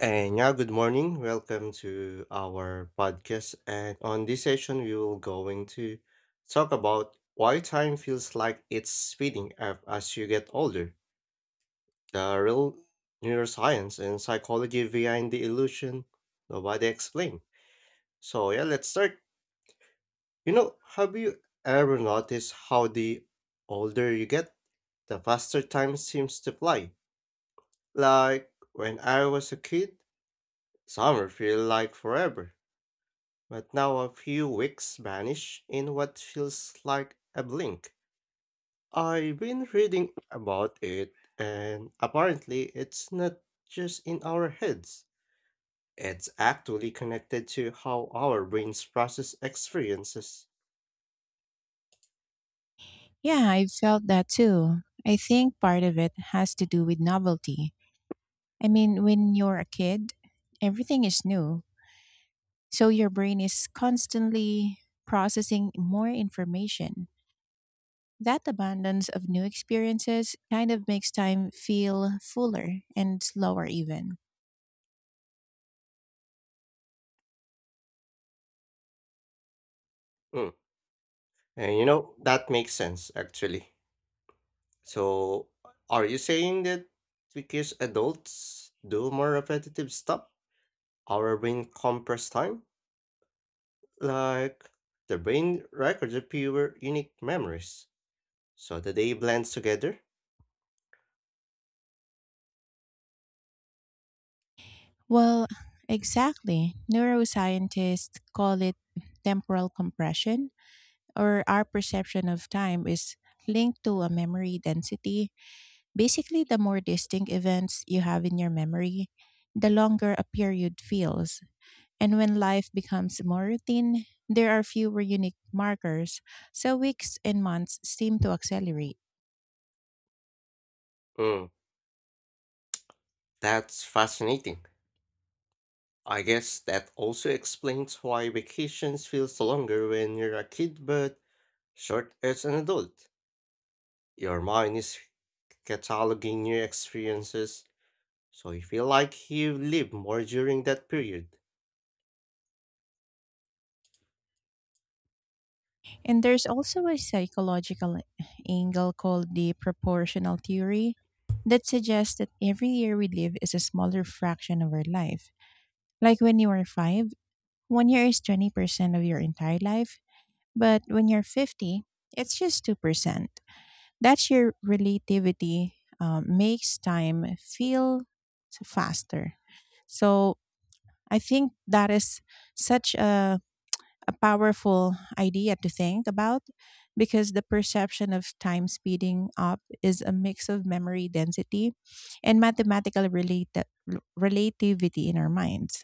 And yeah, good morning. Welcome to our podcast. And on this session, we will going to talk about why time feels like it's speeding up as you get older. The real neuroscience and psychology behind the illusion nobody explained. So yeah, let's start. Have you ever noticed how the older you get, the faster time seems to fly? Like when I was a kid, summer feel like forever. But now a few weeks vanish in what feels like a blink. I've been reading about it, and apparently it's not just in our heads. It's actually connected to how our brains process experiences. Yeah, I felt that too. I think part of it has to do with novelty. When you're a kid, everything is new. So your brain is constantly processing more information. That abundance of new experiences kind of makes time feel fuller and slower, even. Mm. And that makes sense actually. So, are you saying that because adults do more repetitive stuff, our brain compress time? Like, the brain records the fewer unique memories, so the day blends together. Well, exactly. Neuroscientists call it temporal compression, or our perception of time is linked to a memory density. Basically, the more distinct events you have in your memory, the longer a period feels. And when life becomes more routine, there are fewer unique markers, so weeks and months seem to accelerate. Mm, that's fascinating. I guess that also explains why vacations feels longer when you're a kid but short as an adult. Your mind is cataloging your experiences, so you feel like you live more during that period. And there's also a psychological angle called the proportional theory that suggests that every year we live is a smaller fraction of our life. Like when you are five, one year is 20% of your entire life, but when you're 50, it's just 2%. That sheer relativity makes time feel faster. So I think that is such a, a powerful idea to think about because the perception of time speeding up is a mix of memory density and mathematical relativity in our minds.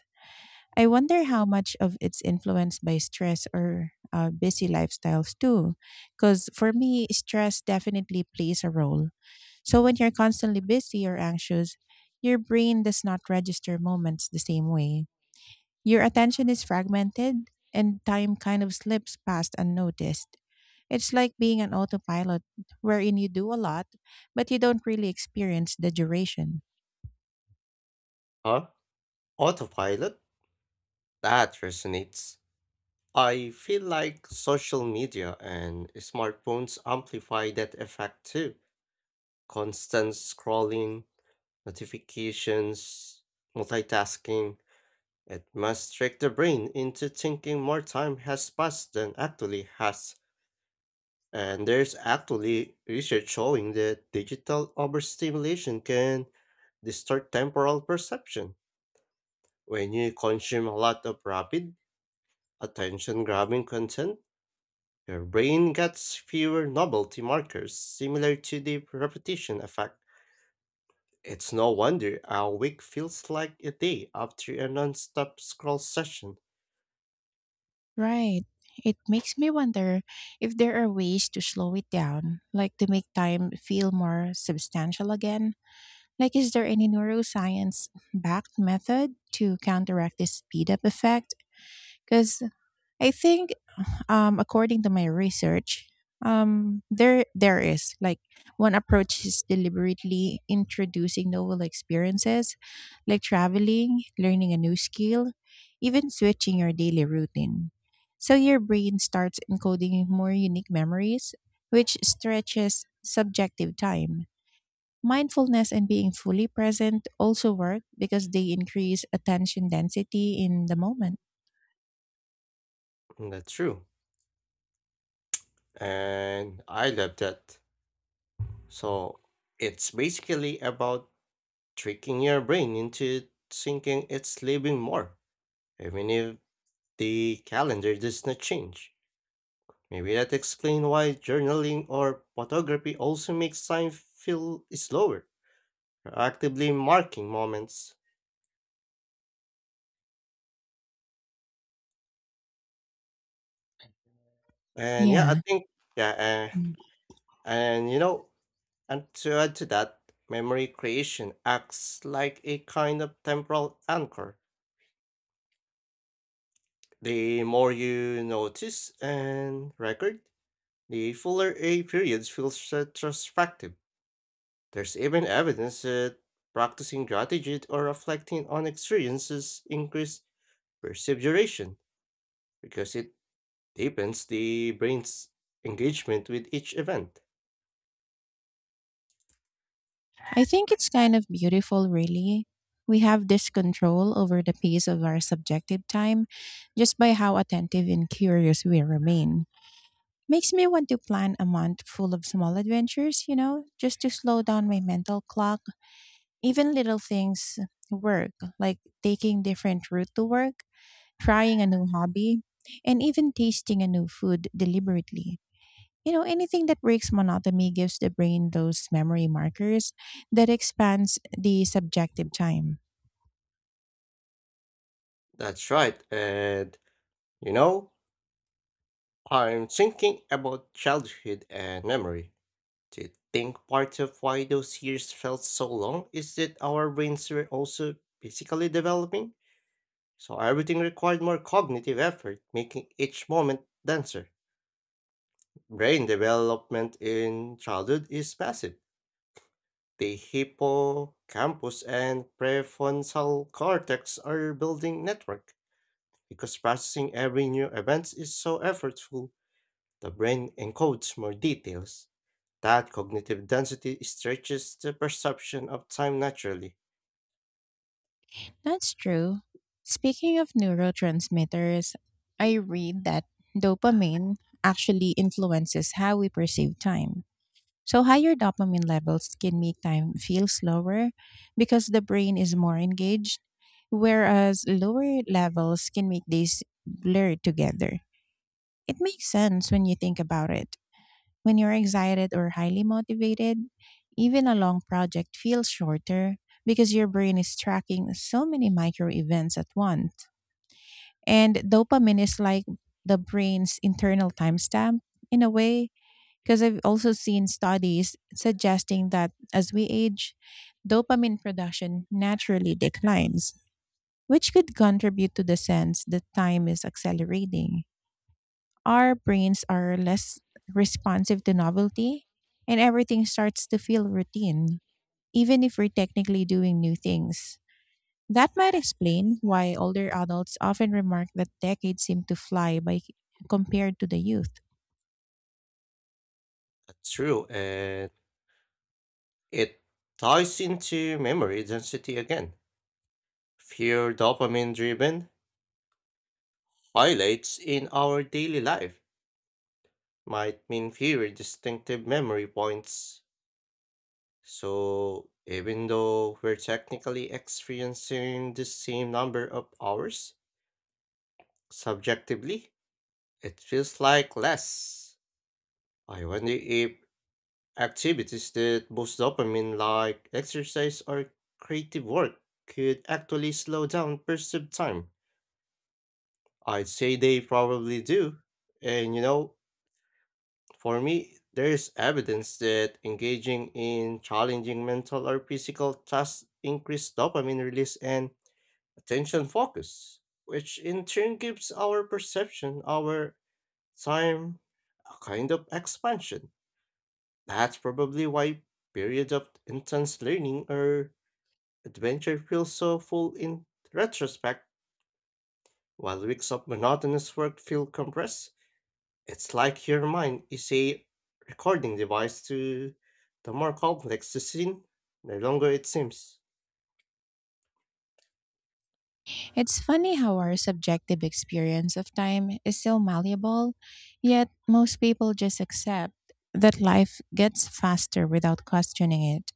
I wonder how much of it's influenced by stress or busy lifestyles too. Because for me, stress definitely plays a role, so when you're constantly busy or anxious, your brain does not register moments the same way. Your attention is fragmented and time kind of slips past unnoticed. It's like being an autopilot wherein you do a lot, but you don't really experience the duration. Huh? Autopilot? That resonates. I feel like social media and smartphones amplify that effect too. Constant scrolling, notifications, multitasking, it must trick the brain into thinking more time has passed than actually has. And there's actually research showing that digital overstimulation can distort temporal perception. When you consume a lot of rapid, attention grabbing content, your brain gets fewer novelty markers, similar to the repetition effect. It's no wonder a week feels like a day after a non-stop scroll session. Right. It makes me wonder if there are ways to slow it down, like to make time feel more substantial again. Like, is there any neuroscience backed method to counteract this speed up effect? Because I think, according to my research, there is like one approach is deliberately introducing novel experiences, like traveling, learning a new skill, even switching your daily routine. So your brain starts encoding more unique memories, which stretches subjective time. Mindfulness and being fully present also work because they increase attention density in the moment. That's true. And I love that. So it's basically about tricking your brain into thinking it's living more, even if the calendar does not change. Maybe that explains why journaling or photography also makes time feel slower actively marking moments. And yeah, I Yeah. think yeah, Mm. and you know, and to add to that, memory creation acts like a kind of temporal anchor. The more you notice and record, the fuller a period feels retrospective. There's even evidence that practicing gratitude or reflecting on experiences increase perceived duration because it deepens the brain's engagement with each event. I think it's kind of beautiful, really. We have this control over the pace of our subjective time just by how attentive and curious we remain. Makes me want to plan a month full of small adventures, you know, just to slow down my mental clock. Even little things work, like taking different route to work, trying a new hobby, and even tasting a new food deliberately. You know, anything that breaks monotony gives the brain those memory markers that expands the subjective time. That's right. And you know, I'm thinking about childhood and memory. Do you think part of why those years felt so long is that our brains were also physically developing? So everything required more cognitive effort, making each moment denser. Brain development in childhood is massive. The hippocampus and prefrontal cortex are building network because processing every new event is so effortful. The brain encodes more details. That cognitive density stretches the perception of time naturally. That's true. Speaking of neurotransmitters, I read that dopamine actually influences how we perceive time. So, higher dopamine levels can make time feel slower because the brain is more engaged, whereas lower levels can make days blur together. It makes sense when you think about it. When you're excited or highly motivated, even a long project feels shorter because your brain is tracking so many micro events at once. And dopamine is like the brain's internal timestamp in a way, because I've also seen studies suggesting that as we age, dopamine production naturally declines, which could contribute to the sense that time is accelerating. Our brains are less responsive to novelty, and everything starts to feel routine, even if we're technically doing new things. That might explain why older adults often remark that decades seem to fly by compared to the youth. That's true, and it ties into memory density again. Fewer dopamine driven highlights in our daily life might mean fewer distinctive memory points. So, even though we're technically experiencing the same number of hours, subjectively, it feels like less. I wonder if activities that boost dopamine, like exercise or creative work, could actually slow down perceived time. I'd say they probably do. And for me, there is evidence that engaging in challenging mental or physical tasks increase dopamine release and attention focus, which in turn gives our perception, our time, a kind of expansion. That's probably why periods of intense learning or adventure feels so full in retrospect, while weeks of monotonous work feel compressed. It's like your mind is a recording device to the more complex the scene, the longer it seems. It's funny how our subjective experience of time is so malleable, yet most people just accept that life gets faster without questioning it.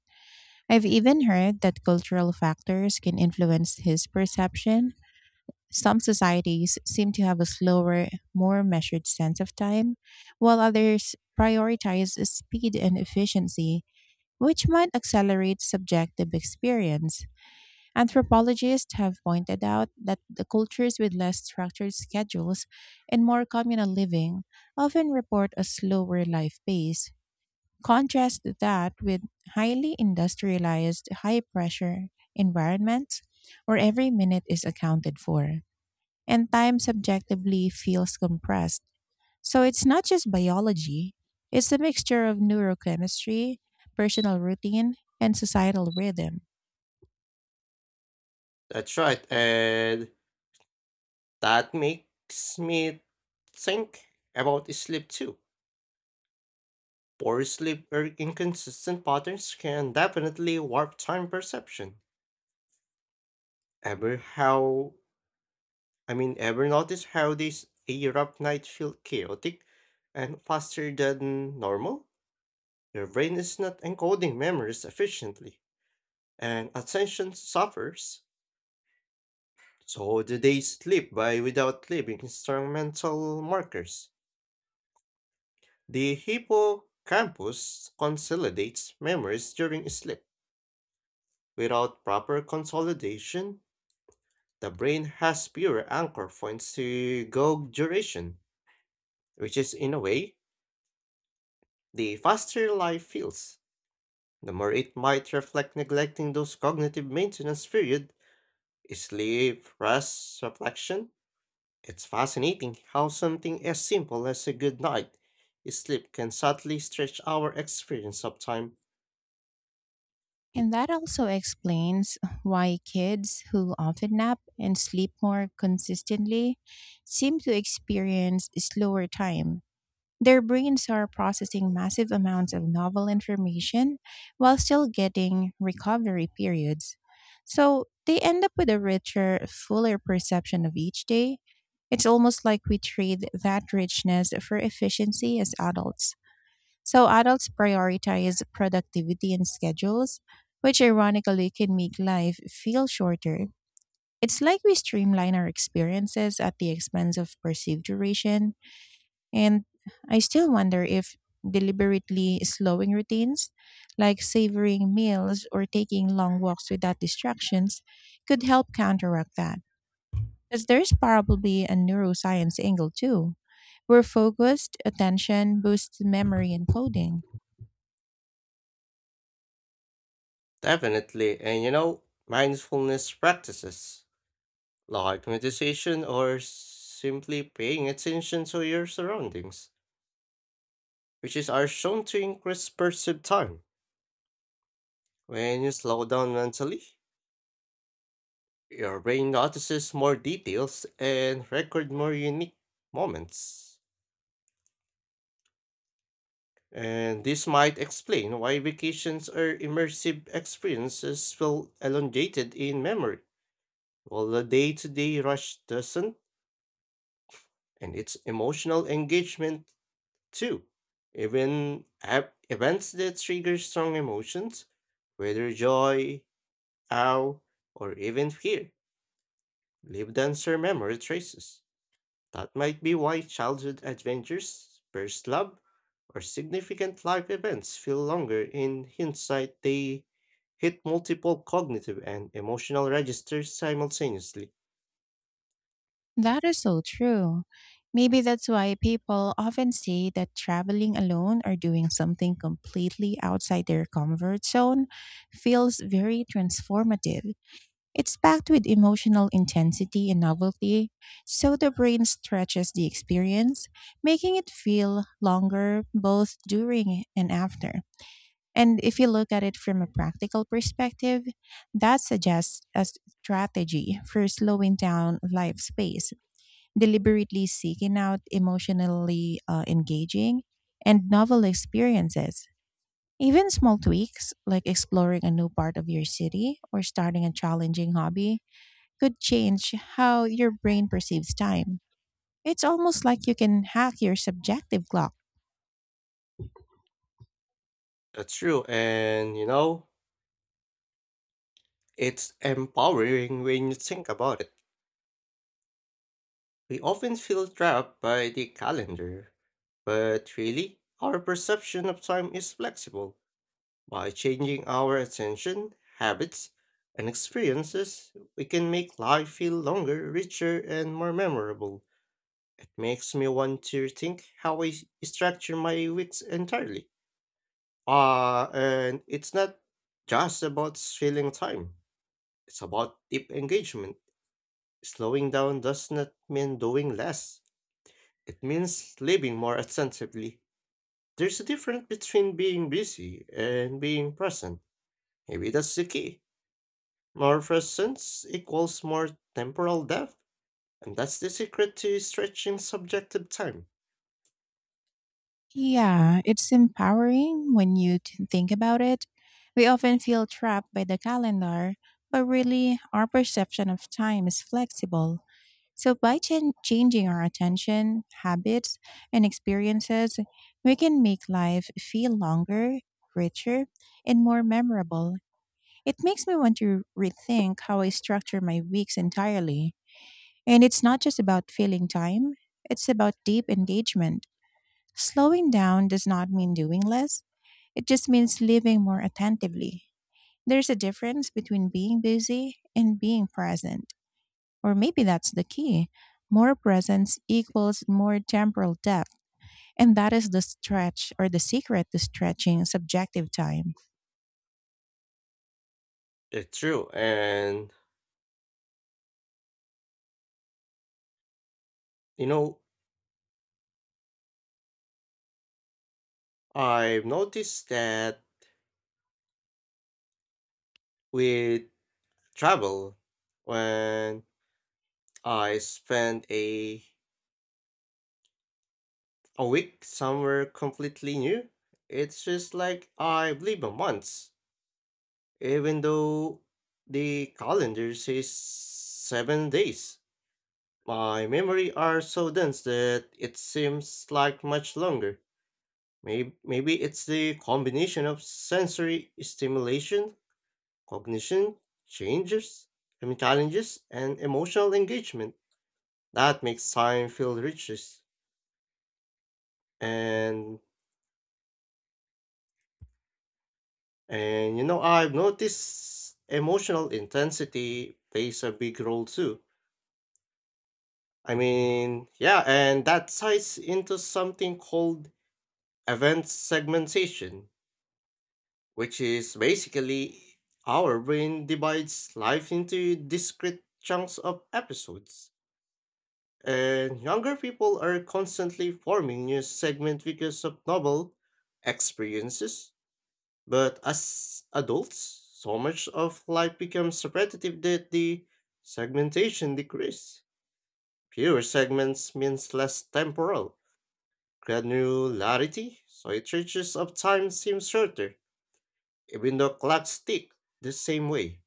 I've even heard that cultural factors can influence his perception. Some societies seem to have a slower, more measured sense of time, while others prioritize speed and efficiency, which might accelerate subjective experience. Anthropologists have pointed out that the cultures with less structured schedules and more communal living often report a slower life pace. Contrast that with highly industrialized, high pressure environments where every minute is accounted for and time subjectively feels compressed. So it's not just biology, it's a mixture of neurochemistry, personal routine, and societal rhythm. That's right, and that makes me think about sleep too. Poor sleep or inconsistent patterns can definitely warp time perception. Ever how ever notice how this Europe night feel chaotic and faster than normal? Your brain is not encoding memories efficiently, and attention suffers. So the days slip by without leaving instrumental markers. The hippocampus consolidates memories during sleep. Without proper consolidation, the brain has fewer anchor points to go duration, which is in a way the faster life feels. The more it might reflect neglecting those cognitive maintenance period, sleep, rest, reflection. It's fascinating how something as simple as a good night sleep can subtly stretch our experience of time. And that also explains why kids who often nap and sleep more consistently seem to experience slower time. Their brains are processing massive amounts of novel information while still getting recovery periods. So they end up with a richer, fuller perception of each day. It's almost like we trade that richness for efficiency as adults. So adults prioritize productivity and schedules, which ironically can make life feel shorter. It's like we streamline our experiences at the expense of perceived duration. And I still wonder if deliberately slowing routines, like savoring meals or taking long walks without distractions, could help counteract that. Because there's probably a neuroscience angle too, where focused attention boosts memory and coding. Definitely, and mindfulness practices like meditation or simply paying attention to your surroundings, which is are shown to increase perceived time. When you slow down mentally, your brain notices more details and record more unique moments. And this might explain why vacations or immersive experiences feel elongated in memory, while the day to day rush doesn't, and its emotional engagement too. Even events that trigger strong emotions, whether joy, awe, or even fear, leave denser memory traces. That might be why childhood adventures, first love, or significant life events feel longer in hindsight. They hit multiple cognitive and emotional registers simultaneously. That is so true. Maybe that's why people often say that traveling alone or doing something completely outside their comfort zone feels very transformative. It's packed with emotional intensity and novelty, so the brain stretches the experience, making it feel longer both during and after. And if you look at it from a practical perspective, that suggests a strategy for slowing down life's pace, deliberately seeking out emotionally engaging and novel experiences. Even small tweaks, like exploring a new part of your city or starting a challenging hobby, could change how your brain perceives time. It's almost like you can hack your subjective clock. That's true, and it's empowering when you think about it. We often feel trapped by the calendar, but really, our perception of time is flexible. By changing our attention, habits, and experiences, we can make life feel longer, richer, and more memorable. It makes me want to think how I structure my weeks entirely. And it's not just about filling time, it's about deep engagement. Slowing down does not mean doing less, it means living more attentively. There's a difference between being busy and being present. Maybe that's the key. Morphosense equals more temporal depth, and that's the secret to stretching subjective time. Yeah, it's empowering when you think about it. We often feel trapped by the calendar, but really, our perception of time is flexible. So, by changing our attention, habits, and experiences, we can make life feel longer, richer, and more memorable. It makes me want to rethink how I structure my weeks entirely. And it's not just about filling time, it's about deep engagement. Slowing down does not mean doing less, it just means living more attentively. There's a difference between being busy and being present. Or maybe that's the key. More presence equals more temporal depth. And that is the stretch or the secret to stretching subjective time. It's true, and you know, I've noticed that with travel, when I spend a week somewhere completely new, it's just like I've lived a month, even though the calendar says 7 days. My memory are so dense that it seems like much longer. Maybe it's the combination of sensory stimulation, cognition, changes, I mean challenges, and emotional engagement that makes time feel richest. And and I've noticed emotional intensity plays a big role too. I mean, yeah, and that ties into something called event segmentation which is basically our brain divides life into discrete chunks of episodes. And younger people are constantly forming new segments because of novel experiences. But as adults, so much of life becomes repetitive that the segmentation decreases. Fewer segments means less temporal granularity, so it reaches of time seems shorter, even though clocks tick the same way.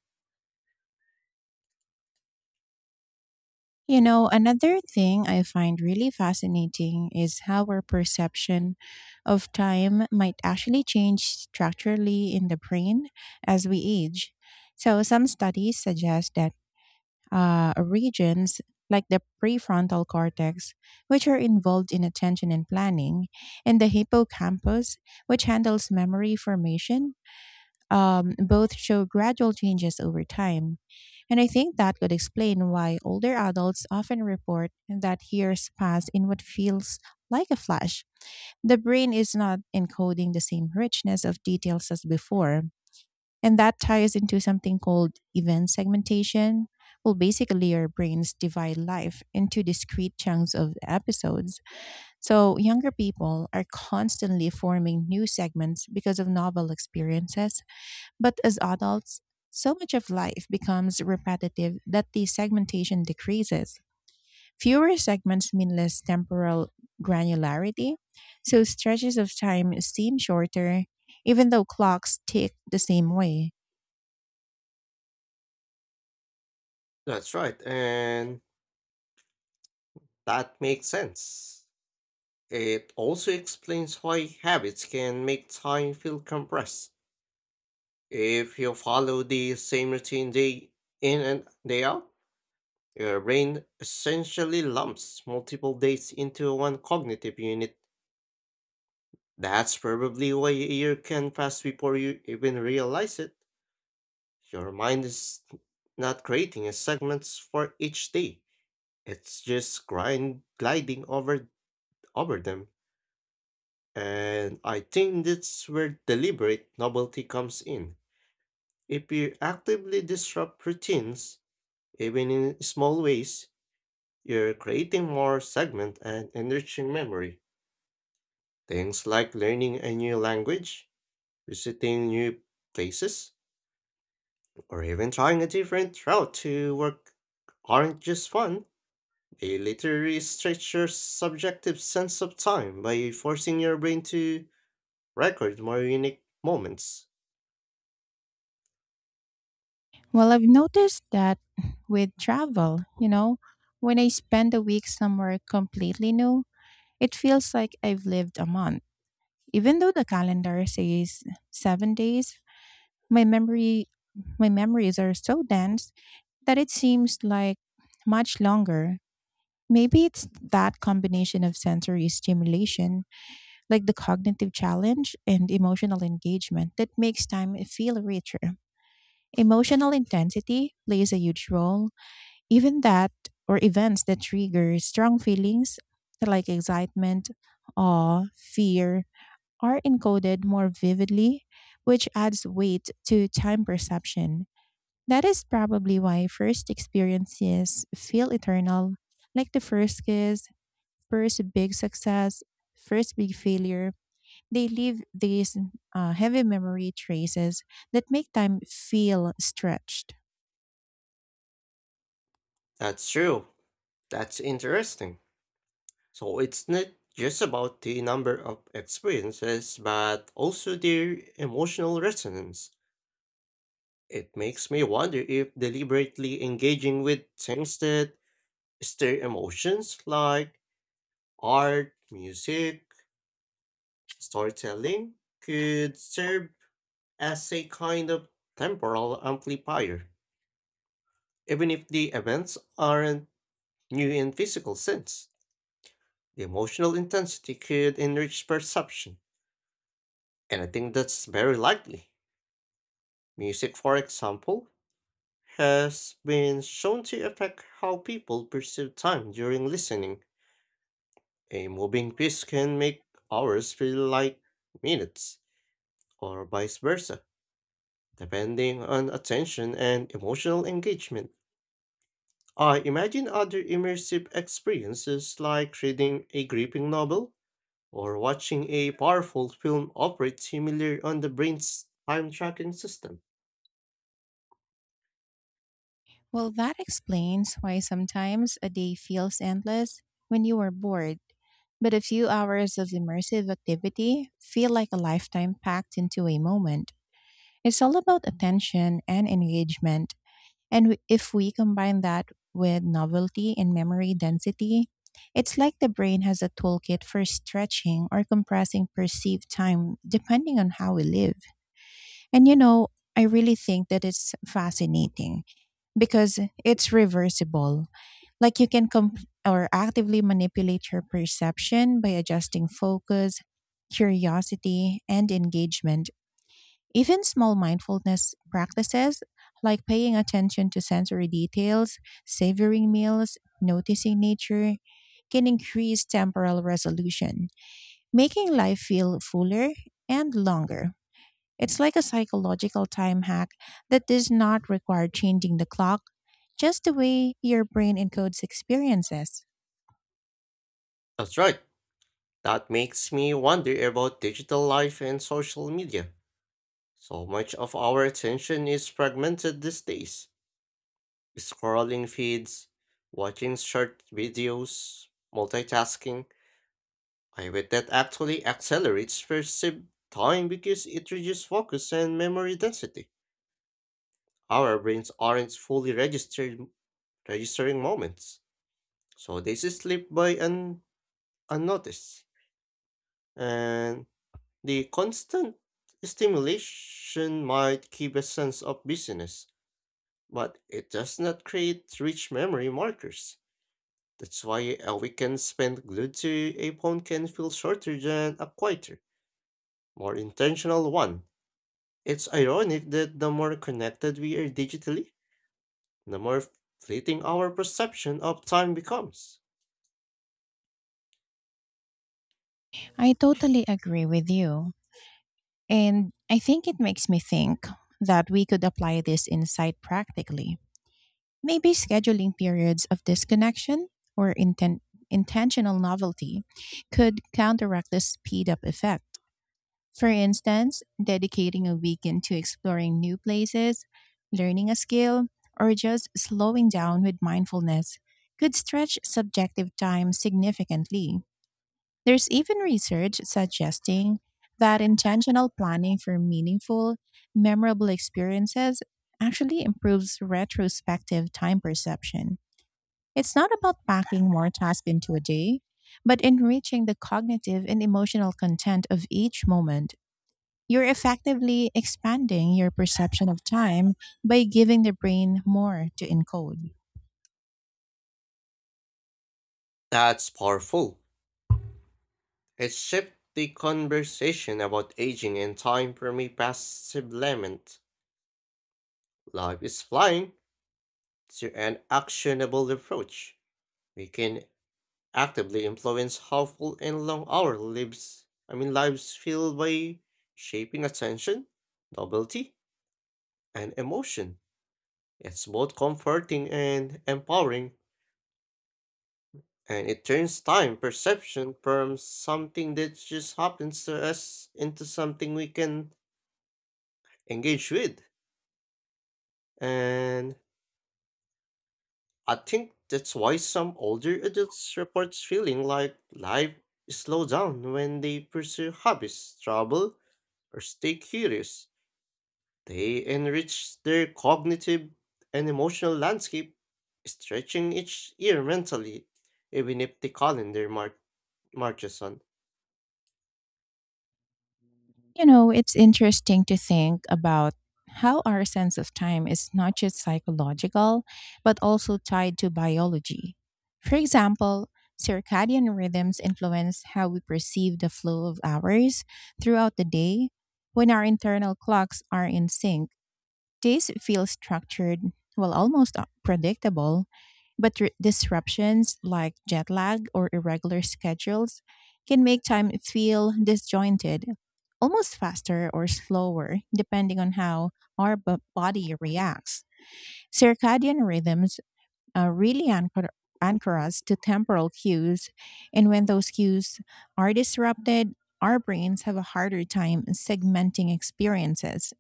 You know, another thing I find really fascinating is how our perception of time might actually change structurally in the brain as we age. So, some studies suggest that regions like the prefrontal cortex, which are involved in attention and planning, and the hippocampus, which handles memory formation, both show gradual changes over time. And I think that could explain why older adults often report that years pass in what feels like a flash. The brain is not encoding the same richness of details as before. And that ties into something called event segmentation. Well, basically, your brains divide life into discrete chunks of episodes. So, younger people are constantly forming new segments because of novel experiences. But as adults, so much of life becomes repetitive that the segmentation decreases. Fewer segments mean less temporal granularity, so stretches of time seem shorter, even though clocks tick the same way. That's right, and that makes sense. It also explains why habits can make time feel compressed. If you follow the same routine day in and day out, your brain essentially lumps multiple days into one cognitive unit. That's probably why a year can pass before you even realize it. Your mind is not creating a segments for each day. It's just grind gliding over them. And I think that's where deliberate novelty comes in. If you actively disrupt routines, even in small ways, you're creating more segment and enriching memory. Things like learning a new language, visiting new places, or even trying a different route to work aren't just fun. They literally stretch your subjective sense of time by forcing your brain to record more unique moments. Well, I've noticed that with travel, you know, when I spend a week somewhere completely new, it feels like I've lived a month. Even though the calendar says seven days, my memory my memories are so dense that it seems like much longer. Maybe it's that combination of sensory stimulation, like the cognitive challenge and emotional engagement, that makes time feel richer. Emotional intensity plays a huge role. Even that, or events that trigger strong feelings like excitement, awe, fear, are encoded more vividly, which adds weight to time perception. That is probably why first experiences feel eternal, like the first kiss, first big success, first big failure. They leave these heavy memory traces that make time feel stretched. That's true. That's interesting. So it's not just about the number of experiences, but also their emotional resonance. It makes me wonder if deliberately engaging with things that stir emotions like art, music, storytelling could serve as a kind of temporal amplifier. Even if the events aren't new in physical sense, the emotional intensity could enrich perception. And I think that's very likely. Music, for example, has been shown to affect how people perceive time during listening. A moving piece can make hours feel like minutes, or vice versa, depending on attention and emotional engagement. I imagine other immersive experiences like reading a gripping novel or watching a powerful film operate similar on the brain's time tracking system. Well, that explains why sometimes a day feels endless when you are bored, but a few hours of immersive activity feel like a lifetime packed into a moment. It's all about attention and engagement, and if we combine that with novelty and memory density, it's like the brain has a toolkit for stretching or compressing perceived time depending on how we live. And you know, I really think that it's fascinating because it's reversible. Like you can com- or actively manipulate your perception by adjusting focus, curiosity, and engagement. Even small mindfulness practices like paying attention to sensory details, savoring meals, noticing nature, can increase temporal resolution, making life feel fuller and longer. It's like a psychological time hack that does not require changing the clock, just the way your brain encodes experiences. That's right. That makes me wonder about digital life and social media. So much of our attention is fragmented these days. Scrolling feeds, watching short videos, multitasking. I bet that actually accelerates perceived time because it reduces focus and memory density. Our brains aren't fully registered registering moments, so they slip by unnoticed. And the constant stimulation might give a sense of busyness, but it does not create rich memory markers. That's why a weekend spent glued to a phone can feel shorter than a quieter, more intentional one. It's ironic that the more connected we are digitally, the more fleeting our perception of time becomes. I totally agree with you. And I think it makes me think that we could apply this insight practically. Maybe scheduling periods of disconnection or intentional novelty could counteract the speed up effect. For instance, dedicating a weekend to exploring new places, learning a skill, or just slowing down with mindfulness could stretch subjective time significantly. There's even research suggesting that intentional planning for meaningful, memorable experiences actually improves retrospective time perception. It's not about packing more tasks into a day, but enriching the cognitive and emotional content of each moment. You're effectively expanding your perception of time by giving the brain more to encode. That's powerful. It shifts the conversation about aging and time from a passive lament, "Life is flying," to an actionable approach. We can actively influence how full and long our lives I mean lives feel by shaping attention, novelty, and emotion. It's both comforting and empowering, and it turns time perception from something that just happens to us into something we can engage with. And I think that's why some older adults report feeling like life slows down when they pursue hobbies, travel, or stay curious. They enrich their cognitive and emotional landscape, stretching each year mentally, even if the calendar marches on. You know, it's interesting to think about how our sense of time is not just psychological, but also tied to biology. For example, circadian rhythms influence how we perceive the flow of hours throughout the day. When our internal clocks are in sync, days feel structured, well, almost predictable, but disruptions like jet lag or irregular schedules can make time feel disjointed, almost faster or slower, depending on how our body reacts. Circadian rhythms really anchor us to temporal cues, and when those cues are disrupted, our brains have a harder time segmenting experiences.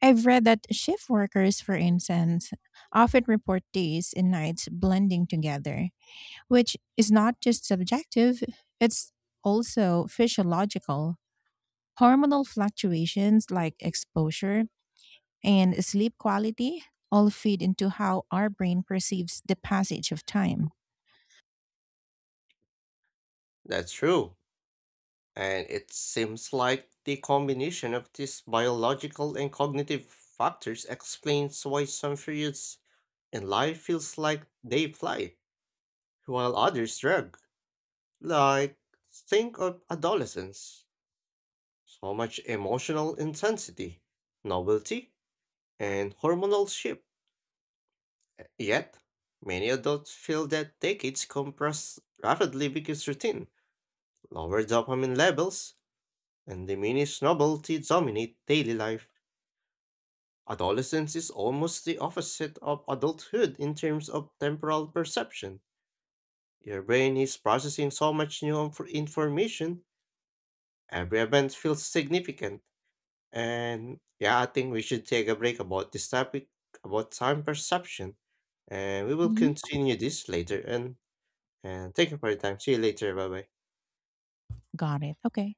I've read that shift workers, for instance, often report days and nights blending together, which is not just subjective, it's also physiological. Hormonal fluctuations like exposure and sleep quality all feed into how our brain perceives the passage of time. That's true. And it seems like the combination of these biological and cognitive factors explains why some periods in life feels like they fly while others drag. Like, think of adolescence. So much emotional intensity, novelty, and hormonal shift. Yet, many adults feel that decades compress rapidly because routine, lower dopamine levels, and diminished novelty dominate daily life. Adolescence is almost the opposite of adulthood in terms of temporal perception. Your brain is processing so much new information. Every event feels significant. And yeah, I think we should take a break about this topic about time perception. And we will Mhm. continue this later. And thank you for your time. See you later. Bye bye. Got it. Okay.